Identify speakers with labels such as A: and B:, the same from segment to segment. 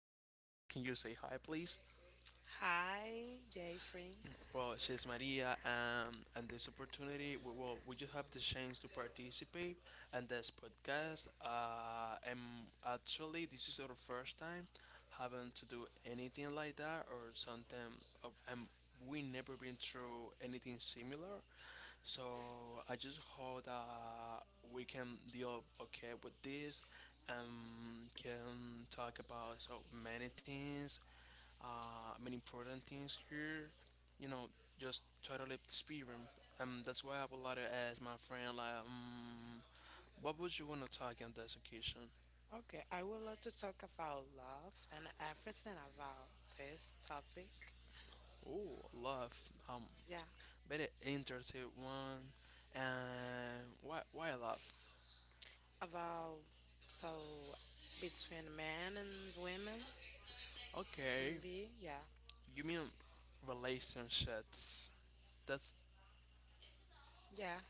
A: Maria. Can you say hi, please?
B: Hi, Jeffrey.
A: Well, she's Maria, and this opportunity, we just have the chance to participate in this podcast. And actually, this is our first time having to do anything like that or something. Of, um, we never been through anything similar, so I just hope that we can deal okay with this and can talk about so many things, many important things here. You know, just totally experience. That's why I would like to ask my friend, what would you want to talk on this occasion?
B: Okay, I would love to talk about love and everything about this topic.
A: Oh, love.
B: Yeah,
A: Very interesting one. And why love?
B: about so between men and women can
A: Okay,
B: be. Yeah,
A: you mean relationships? That's
B: yeah.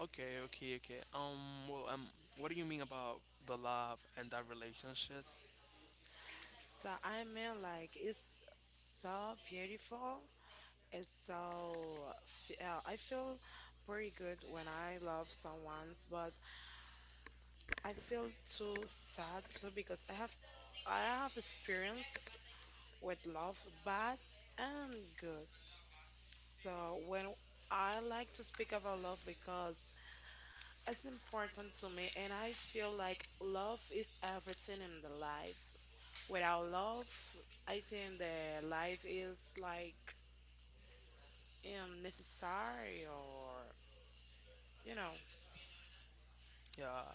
A: okay, okay, okay. What do you mean about the love and that relationship?
B: So I mean, like it's so beautiful. It's so I feel pretty good when I love someone, but I feel too sad too because I have experience with love, bad and good. So when I like to speak about love because it's important to me and I feel like love is everything in the life. Without love, I think the life is like unnecessary or you know,
A: Yeah,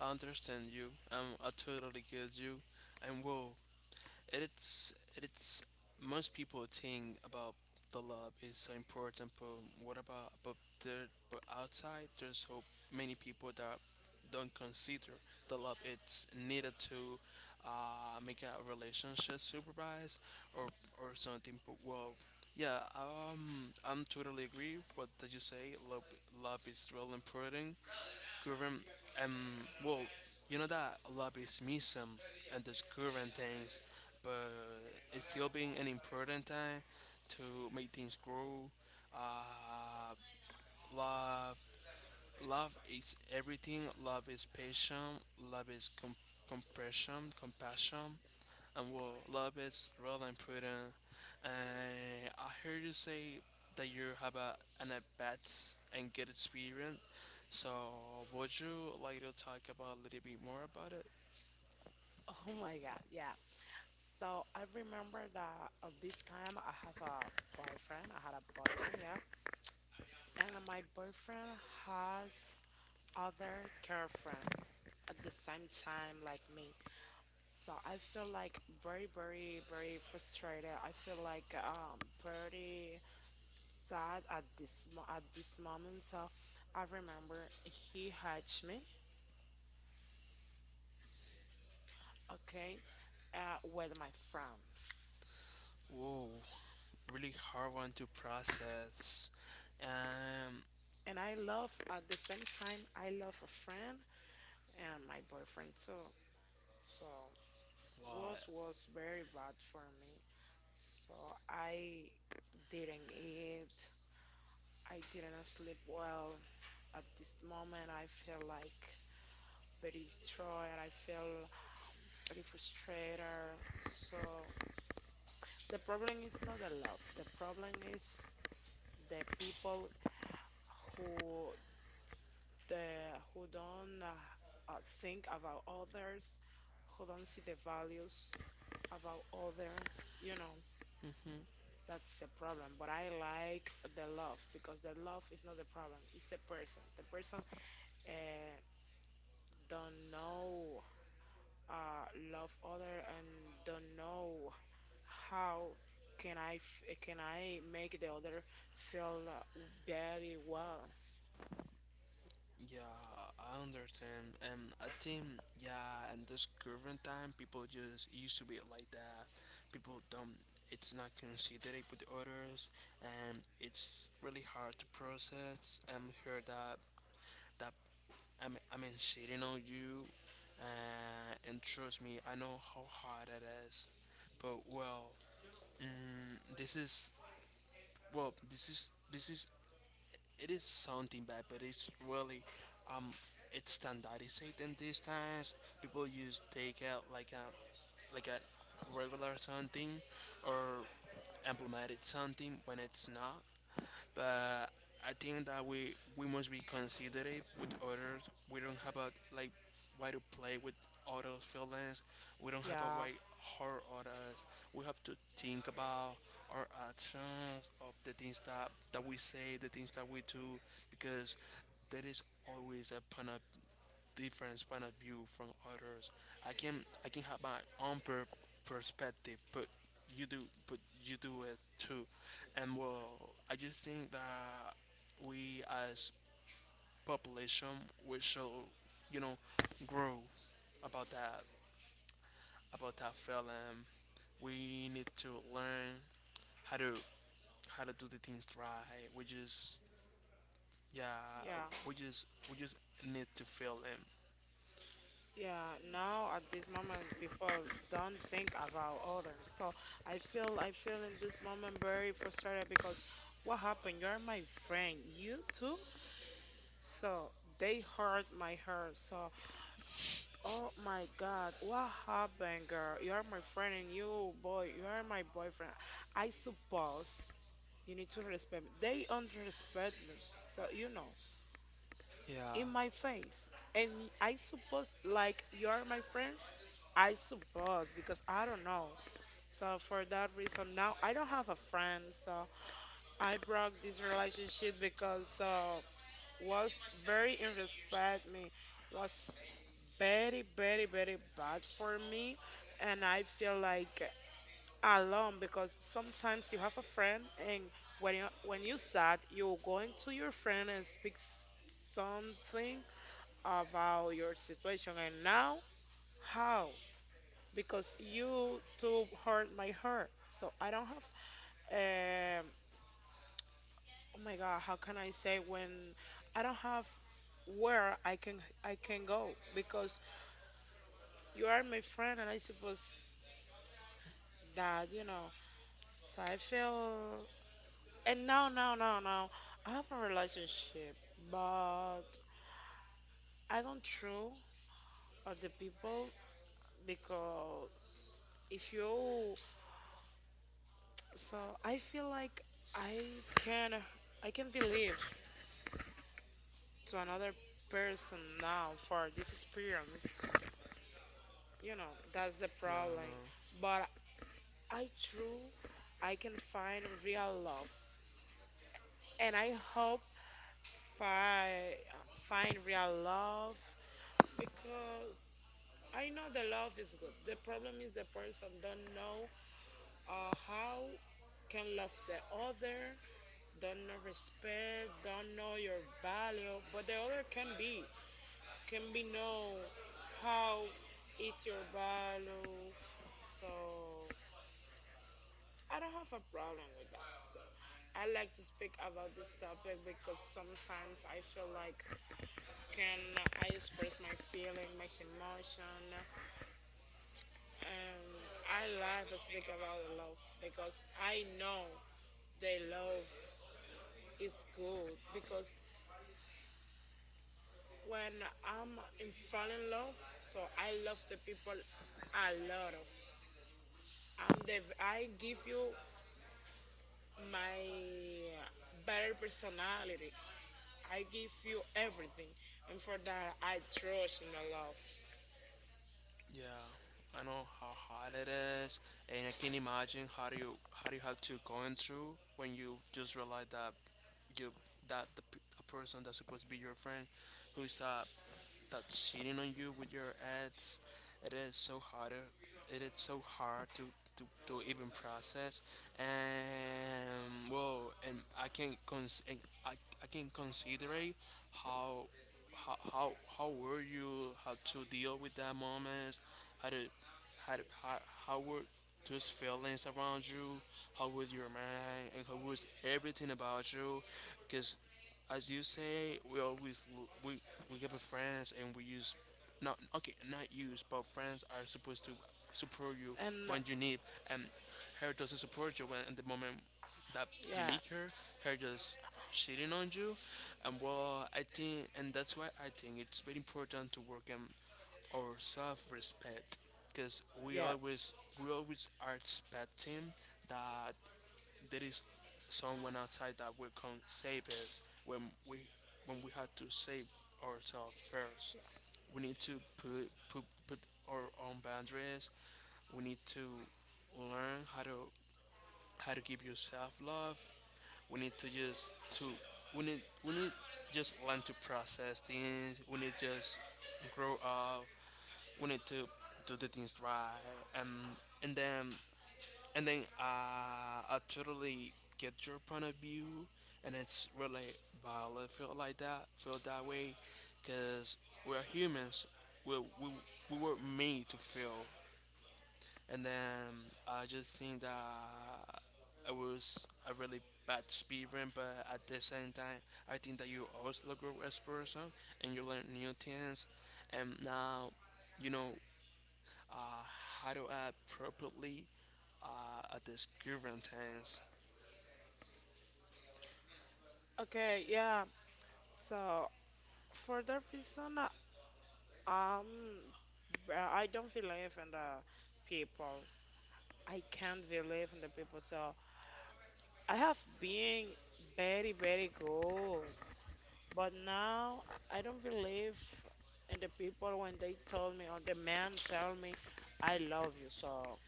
A: I understand you. I totally get you. And well, it's it's most people think about the lab is so important, but what about but there but outside there's so many people that don't consider the lab it's needed to make a relationship supervise or or something. But well, yeah, I'm totally agree what did you say. Love is really important current um well you know that lobbyism and this current things but it's still being an important time to make things grow uh love is everything, love is passion, love is compression, compassion. Love is Roland and Prudent, and I heard you say that you have an at bats and good experience. So, would you like to talk about a little bit more about it?
B: oh my God, yeah. So I remember that at this time I have a boyfriend. I had a boyfriend, yeah. And my boyfriend had other girlfriend, at the same time like me. So I feel like very, very, very frustrated. I feel like very sad at at this moment. So I remember he hatched me, okay, with my friends.
A: Whoa, really hard one to process. Um,
B: And I love at the same time I love a friend and my boyfriend too. So
A: what?
B: was very bad for me. So I didn't eat. I didn't sleep well. At this moment, I feel like very destroyed. I feel very frustrated. So the problem is not the love. The problem is the people who who don't think about others, who don't see the values about others. You know, that's the problem. But I like the love because the love is not the problem. It's the person. The person uh, don't know uh, love other and don't know how can I make the other feel very well.
A: Yeah, I understand. I think yeah, in this current time, people just used to be like that. People don't. It's not considerate with others, and it's really hard to process. Hear that that I'm shitting on you, and trust me, I know how hard it is. But well, this is well, this is it is something bad, but it's really um it's standardized in these times. People use takeout like a regular something or implemented something when it's not, but I think that we must be considerate with others. We don't have a like why to play with others' feelings. We don't have a
B: Yeah,
A: way hurt others. We have to think about our actions of the things that we say, the things that we do, because there is always a different point of view from others. I can have my own perspective, you do but you do it too. And well, I just think that we as population we should, you know, grow about that, about that feeling. We need to learn how to how to do the things right. We just yeah
B: yeah,
A: we just need to feel them.
B: yeah. Now at this moment, people don't think about others. So I feel in this moment very frustrated because what happened? You're my friend. You too. So they hurt my heart. So oh my God, what happened, girl? You are my friend and you, boy, you are my boyfriend. I suppose you need to respect me. They don't respect me, so you know,
A: Yeah.
B: in my face. And I suppose, like, you are my friend? I suppose, because I don't know. So for that reason, now I don't have a friend, so I broke this relationship because was very irrespect me, was very very very bad for me, and I feel like alone because sometimes you have a friend and when you sad you're going to your friend and speak something about your situation and now how because you too hurt my heart, so I don't have eh, oh my God how can I say when I don't have where I can go because you are my friend and I suppose that you know. So I feel and no no no no, I have a relationship but I don't true of the people because if you so I feel like i can I can believe to another person now for this experience, you know that's the problem. But I true I can find real love and I hope fi- find real love because I know the love is good, the problem is the person don't know how can love the other, don't know respect, don't know your value, but the other can be, know how is your value. So I don't have a problem with that. So I like to speak about this topic because sometimes I feel like can I express my feeling, my emotion. Um, I love to speak about the love because I know the love is good because when I'm in fall in love, so I love the people a lot of. I'm the I give you my better personality. I give you everything, and for that I trust in the love.
A: Yeah, I know how hard it is, and I can imagine how do you have to going through when you just realize that you that the a person that's supposed to be your friend, who's a that's cheating on you with your ads. It is so harder. It is so hard to to even process. And well, and I can cons- and I, I can consider how how were you how to deal with that moment. How to how, how, how were those feelings around you? How was your mind? And how was everything about you? Because, as you say, we always we get with friends and we use not okay not use but friends are supposed to support you
B: And
A: when you need and her doesn't support you when at the moment that you
B: yeah,
A: need her. Her just shitting on you, and well, I think and that's why I think it's very important to work and our self-respect because
B: yeah,
A: we always are expecting that there is someone outside that will come save us we when we had to save ourselves first. We need to put our own boundaries. We need to learn how to give yourself love. We need to just to we need just learn to process things. We need just grow up. We need to do the things right, and and then and then, I totally get your point of view and it's really valid feel like that feel that way because we're humans. we, we, we were made to feel and then I just think that it was a really bad experience, but at the same time I think that you also grow as person and you learn new things and now you know, uh, how to act properly at this current tense?
B: okay, yeah. So for that reason, um, well, I don't believe in the people. I can't believe in the people. So I have been very, very good, but now I don't believe in the people when they told me or the man tell me, I love you. So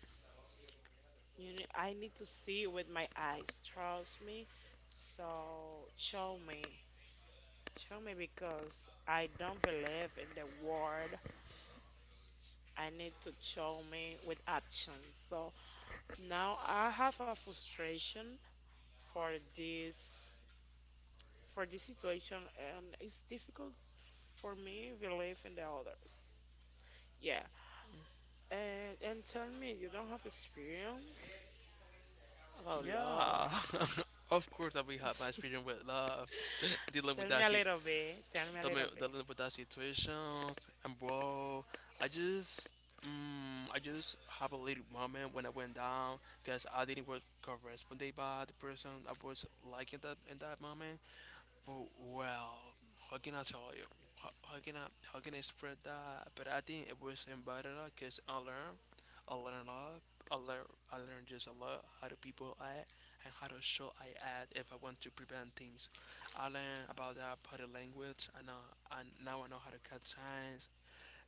B: you know, I need to see it with my eyes. Trust me. So show me. Show me because I don't believe in the word. I need to show me with action. So now I have a frustration for this for this situation and it's difficult for me believe in the others. Yeah. And tell me you don't have experience about love.
A: Yeah, of course that we had my experience with love, dealing with
B: Tell
A: that
B: me a
A: shit,
B: little bit. Tell me a little bit.
A: dealing with that situation, and bro, I just. I just have a little moment when I went down because I didn't work corresponded by the person I was liking that in that moment. Oh, well, how can I tell you? How can I how can I spread that? But I think it was embedded because I learned a lot. I learned just a lot how to people act and how to show I act if I want to prevent things. I learned about that body language. I know and now I know how to cut signs.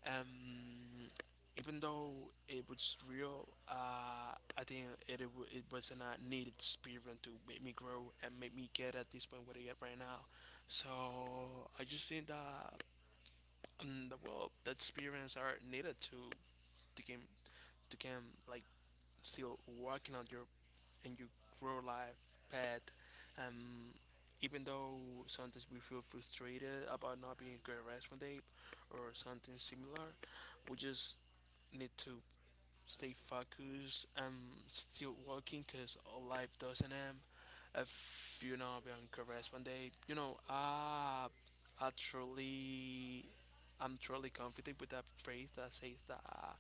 A: Um, Even though it was real, I think it it was a needed experience to make me grow and make me get at this point where I get right now. So I just think that, the well, that experience are needed to to can to can like still working on your and your grow life path. Um, Even though sometimes we feel frustrated about not being a great rest one day or something similar, we just need to stay focused. I'm still working because life doesn't end. If you know, I'll be on Caress one day. You know, I truly, I'm truly confident with that phrase that says that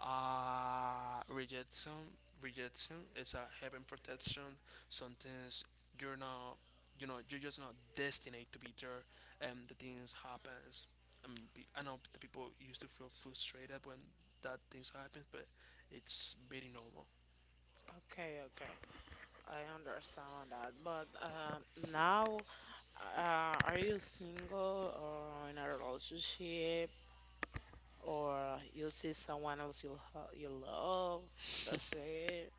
A: rejection, rejection is a heaven protection. Sometimes you're not, you know, you're just not destined to be there, and the things happens. I know the people used to feel frustrated when that things happens, but it's very normal.
B: Okay, okay. I understand that, but now, are you single or in a relationship, or you see someone else you love, and that's it?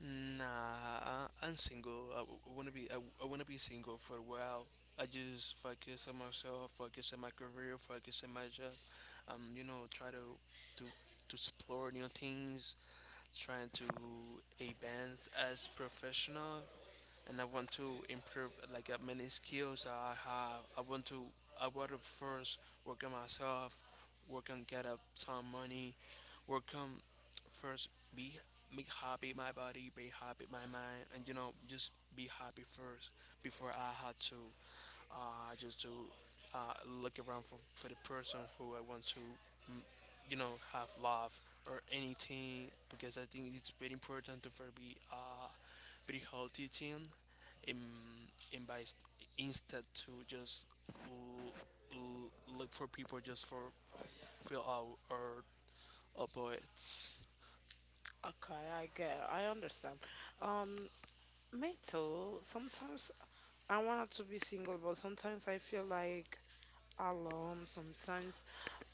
A: Nah, I'm single. I want wanna be. I wanna be single for a while. I just focus on myself, focus on my career, focus on my job. You know, try to to to explore new things, trying to advance as professional, and I want to improve like many skills that I have. I want to first work on myself, work on get up some money, work on first be be happy my body, be happy my mind, and you know just be happy first before I had to just to uh, look around for the person who I want to mm, you know, have love or anything because I think it's very important to for be a very healthy team and, and by instead to just l- l- look for people just for fill out or opposites.
B: Okay, I get, I understand. Um, me too. Sometimes I wanted to be single, but sometimes I feel like alone. Sometimes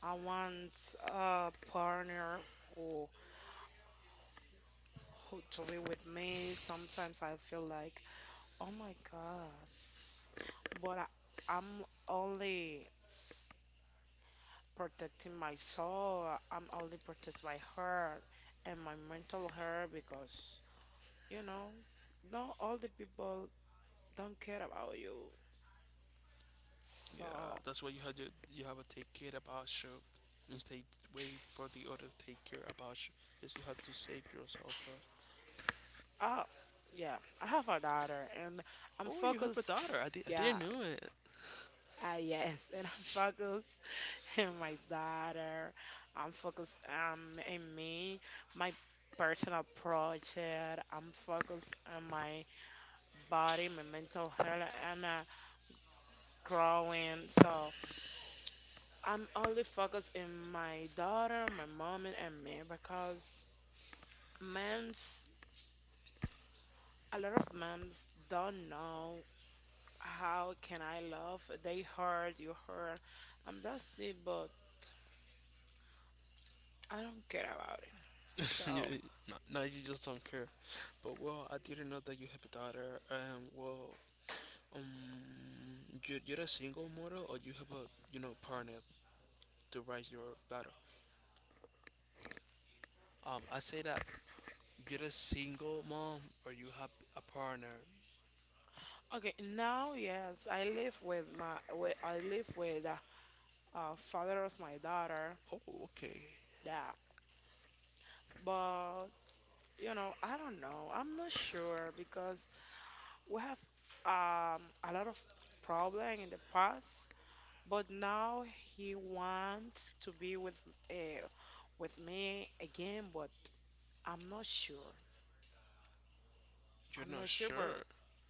B: I want a partner who who to be with me. Sometimes I feel like, oh my God. But I, I'm only s- protecting my soul. I'm only protect my heart and my mental health because you know, not all the people don't care about you.
A: Yeah,
B: So,
A: that's why you have to take care about you instead wait for the other to take care about you because you have to save yourself first.
B: uh, yeah, I have a daughter and I'm
A: Oh, you have a
B: focused.
A: daughter. I
B: Yeah,
A: didn't know it.
B: yes, and I'm focused on my daughter. I'm focused in me, my personal project. I'm focused on my body, my mental health, and growing. So I'm only focused in my daughter, my mom, and me because men's a lot of moms don't know how can I love. They hurt, you hurt, and that's it. But I don't care about it. So
A: No, no, you just don't care. But well, I didn't know that you have a daughter. Um, you, you're a single model, or you have a you know partner to raise your daughter. I say that you're a single mom, or you have a partner.
B: okay, now yes, I live with the father of my daughter.
A: Oh, okay.
B: Yeah, but you know I don't know. I'm not sure because we have a lot of problem in the past, but now he wants to be uh, with me again. But I'm not sure.
A: You're
B: I'm
A: not
B: not sure, but
A: sure.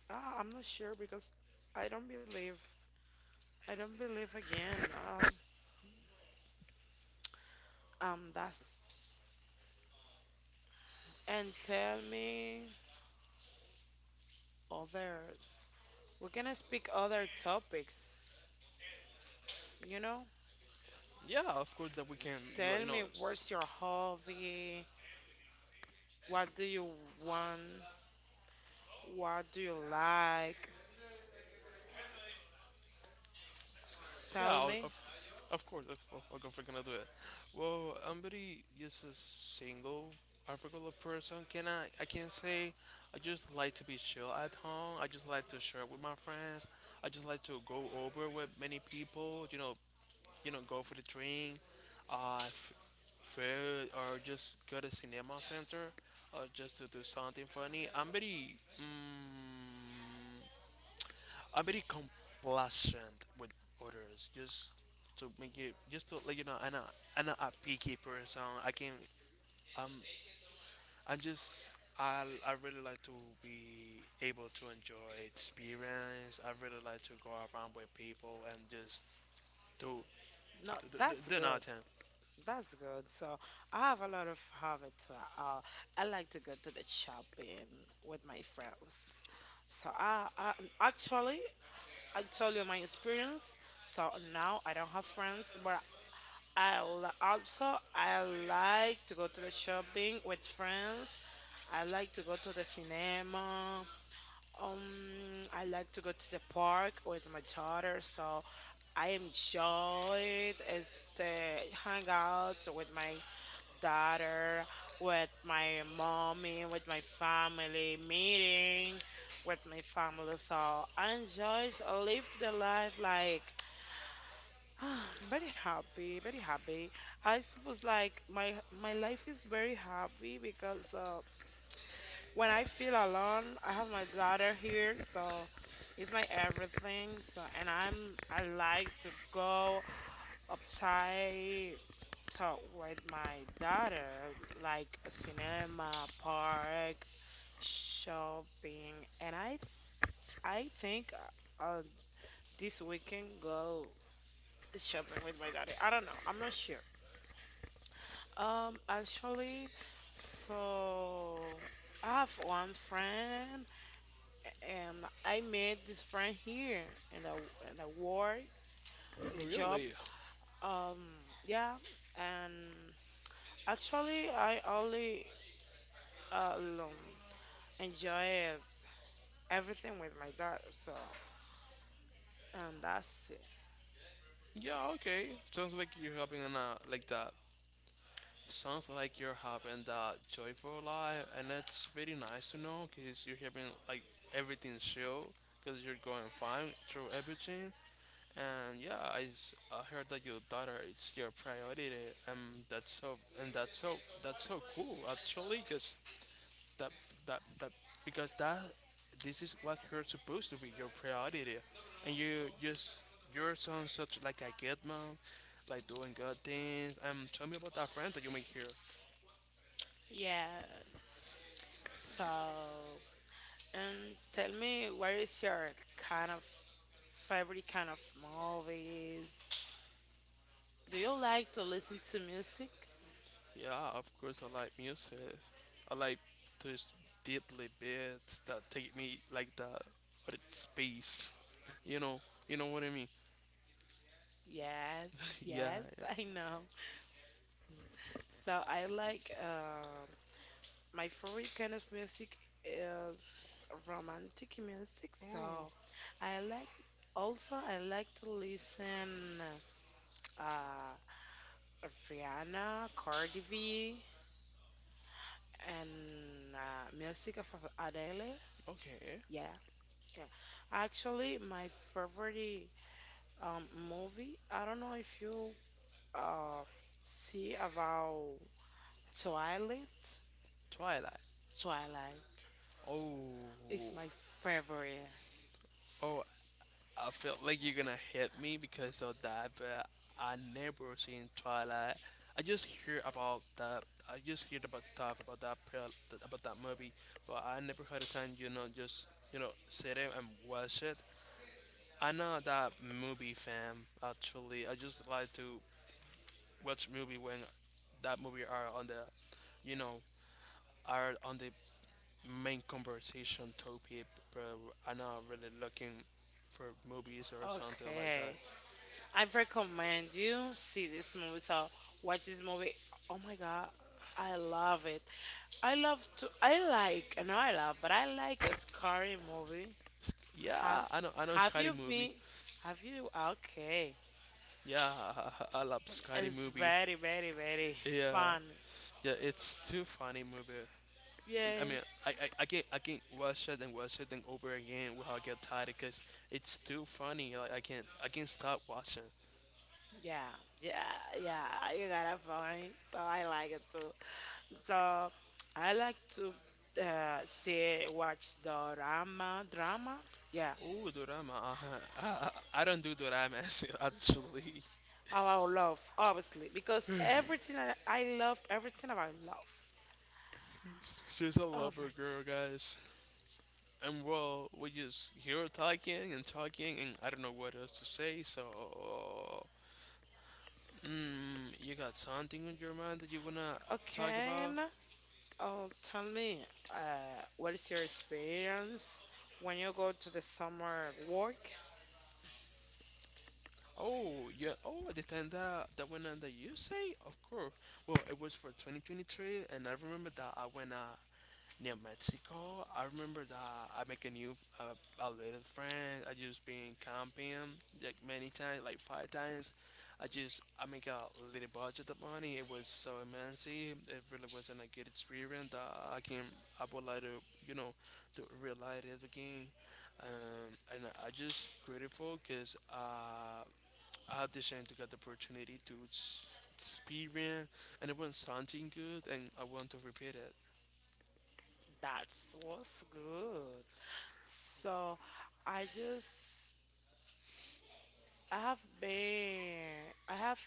B: I'm not sure because I don't believe. I don't believe again. That's and tell me other. We're gonna speak other topics. You know,
A: Yeah, of course that we can, like,
B: tell
A: you know,
B: me what's your hobby? What do you want? What do you like?
A: yeah,
B: Tell me.
A: of course, of course we're gonna do it. Well, somebody just a single, I forgot the person. Can I? I can't say. I just like to be chill at home. I just like to share with my friends. I just like to go over with many people. You know, go for the train, uh, f- food, or just go to cinema center, or just to do something funny. I'm very. I'm very complacent with others. Just to make it, just to let you know, I'm not a picky person. I can, um, I'm just, I really like to be able to enjoy experience. I really like to go around with people and just do,
B: No, that's
A: do
B: good.
A: nothing.
B: That's good. So I have a lot of habits. Uh, I like to go to the shopping with my friends. So I actually I told you my experience. So now I don't have friends, but also I like to go to the shopping with friends. I like to go to the cinema. I like to go to the park with my daughter. So I enjoyed is to hang out with my daughter, with my mommy, with my family, meeting with my family. So I enjoyed live the life like very happy, very happy. I suppose like my life is very happy because when I feel alone, I have my daughter here, so it's my everything. So and I'm I like to go upside talk with my daughter, like a cinema, park, shopping, and I think I'll this weekend go shopping with my daddy. I don't know. I'm not sure. Actually, so I have one friend, and I met this friend here in the in the work and the job.
A: Really?
B: Um, yeah, and actually, I only uh, um, enjoy everything with my dad, so and that's it.
A: Yeah. Okay. Sounds like you're having a like that. Sounds like you're having that joyful life, and that's really nice to know because you're having like everything chill because you're going fine through everything. And yeah, I heard that your daughter is your priority, and that's so cool actually because that that that because that this is what you're supposed to be your priority, and you just your son such like a kid man, like doing good things. Tell me about that friend that you make here.
B: Yeah. So, and tell me, what is your kind of favorite kind of movies? Do you like to listen to music?
A: Yeah, of course I like music. I like those deadly beats that take me like the other space. You know, you know what I mean.
B: Yes,
A: Yeah,
B: yes,
A: yeah.
B: I know. So I like my favorite kind of music is romantic music, so I like also I like to listen uh Rihanna, Cardi B, and music of Adele.
A: Okay.
B: Yeah, yeah. Actually, my favorite movie. I don't know if you uh see about Twilight.
A: Twilight.
B: Twilight
A: Oh,
B: is my favorite.
A: oh. I felt like you're gonna hit me because of that, but I never seen Twilight. I just hear about that. I just heard about stuff about about that movie, but I never had a time, just sit there and watch it. I'm not that movie fan actually. I just like to watch movie when that movie are on the, you know, are on the main conversation topic. But I'm not really looking for movies or something like that.
B: Okay. I recommend you see this movie. So watch this movie. Oh my God, I love it. I love to. I like. No, I love, but I like a scary movie. Have
A: Yeah, I know. I know
B: Have
A: Scary
B: you
A: movie.
B: been? Have you? Okay.
A: Yeah, I love Scary
B: It's
A: movie.
B: very, very, very
A: Yeah,
B: fun.
A: yeah, it's too funny movie. I mean,
B: Yes.
A: I, I, I get I can watch it and over again without get tired because it's too funny. Like I can't stop watching.
B: Yeah. Yeah. Yeah. You gotta find. So I like it too. So I like to see watch the drama. Drama. Yeah.
A: Oh, Dorama. Uh-huh. I, I don't do Dorama actually.
B: Allow love, obviously, because everything that I love, everything about love.
A: She's a
B: All
A: lover girl, guys. And well, we just hear talking and talking, and I don't know what else to say. So, you got something on your mind that you wanna
B: right.
A: talk
B: Okay.
A: about?
B: Oh, tell me, what is your experience when you go to the summer work?
A: Oh, yeah. Oh, the time that went under you say? Of course. Well, it was for 2023, and I remember that I went near Mexico. I remember that I make a new a little friend. I just been camping like many times, like five times. I make a little budget of money. It was so immense. It really wasn't a good experience that I can I would like to, you know, to relight it again. And I just grateful because. Audition to get the opportunity to experience, and it was something good, and I want to repeat it.
B: That was good. So, I just, I have been, I have,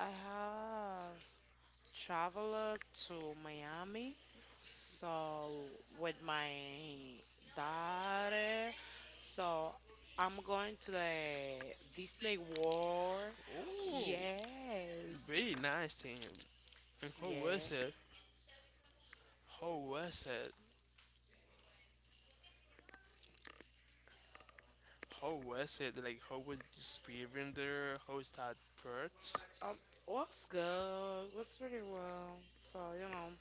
B: I have traveled to Miami so with my daughter, so I'm going to the Disney World.
A: Oh,
B: Yes.
A: very nice thing. And how
B: Yeah.
A: was it? How was it? How was it? Like, how was the experience there? How is that first?
B: Um, was good. Was pretty well. So, you know.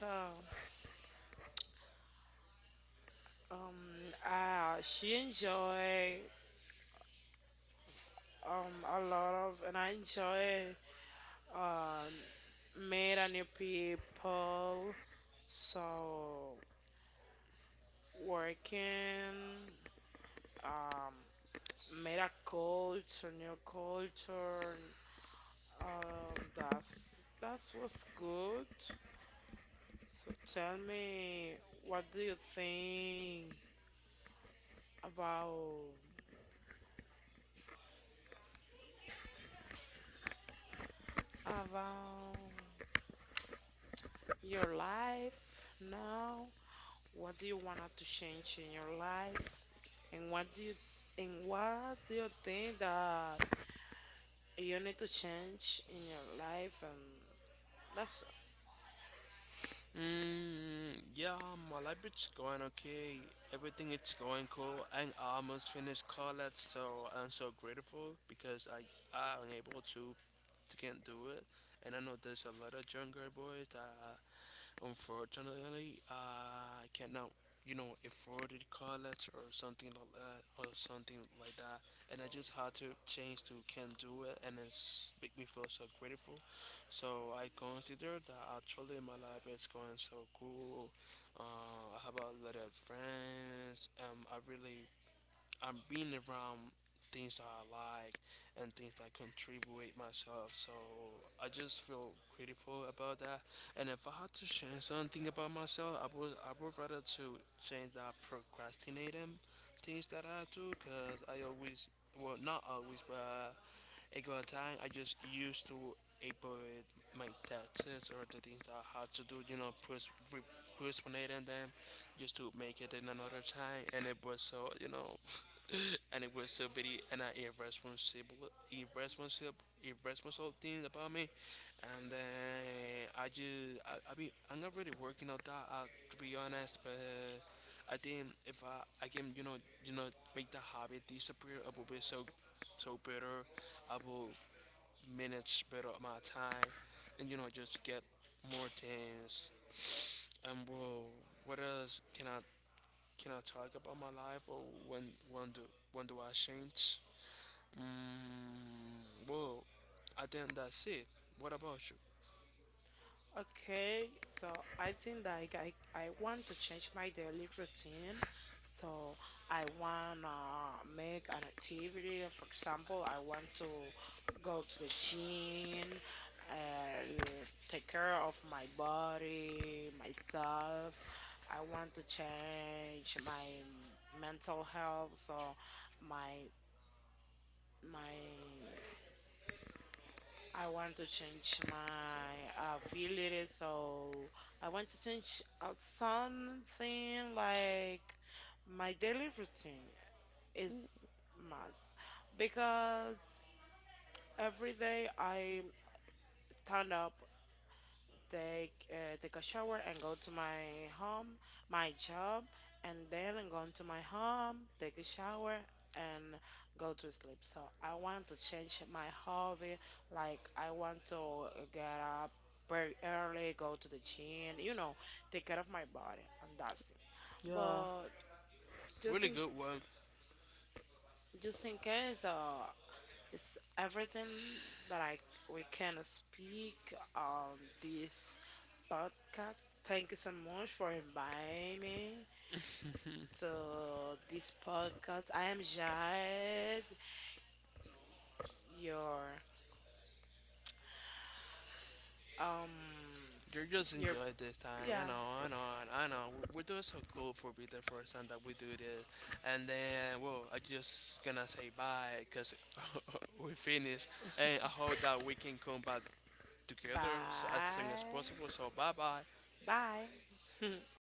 B: So, she enjoy a lot of, and I enjoy um meet a new people. So working, um, meta culture, new culture. That's that was good. So tell me, what do you think about about your life now? What do you want to change in your life? And what do you think that you need to change in your life? And that's
A: Yeah, my life is going okay. Everything is going cool. I almost finished college, so I'm so grateful because I am able to can't do it. And I know there's a lot of younger boys that unfortunately cannot, you know, afford it college or something like that or something like that. And I just had to change to can't do it and it's make me feel so grateful. So I consider that actually my life is going so cool. I have a lot of friends. I'm being around things that I like and things that contribute myself. So I just feel grateful about that. And if I had to change something about myself, I would rather to change that procrastinating things that I do because I always, well, not always, but it got a time I just used to avoid my taxes or the things that I had to do, you know, postponing them just to make it in another time and it was so, you know, and it was aggressivity and an irresponsible things about me. And then I mean, I'm not really working on that out to be honest, but I think if I, I can, you know, make the habit disappear, I will be so, so better. I will manage better my time, and, you know, just get more things. And bro, what else can I talk about my life or when when do when do I change? Mm, well, I think that's it. What about you?
B: okay, so I think like I want to change my daily routine. So I wanna make an activity. For example, I want to go to the gym, take care of my body, myself. I want to change my mental health. So my my I want to change my ability, so I want to change something like my daily routine is must because every day I stand up, take take a shower and go to my home, my job, and then go am to my home, take a shower and go to sleep. So I want to change my hobby. Like I want to get up very early, go to the gym, you know, take care of my body, and that's it.
A: Yeah.
B: But just
A: Really
B: in
A: good one.
B: just in case, it's everything that I we can speak on this podcast. Thank you so much for inviting me to this podcast. I am Jad, your um,
A: You just
B: your
A: enjoyed this time. I
B: yeah.
A: know, I know, I know. We're doing so cool for be the first time that we do this. And then, well, I just gonna say bye because we finished. And I hope that we can come back together as soon as
B: Bye,
A: possible. So, bye bye.
B: bye.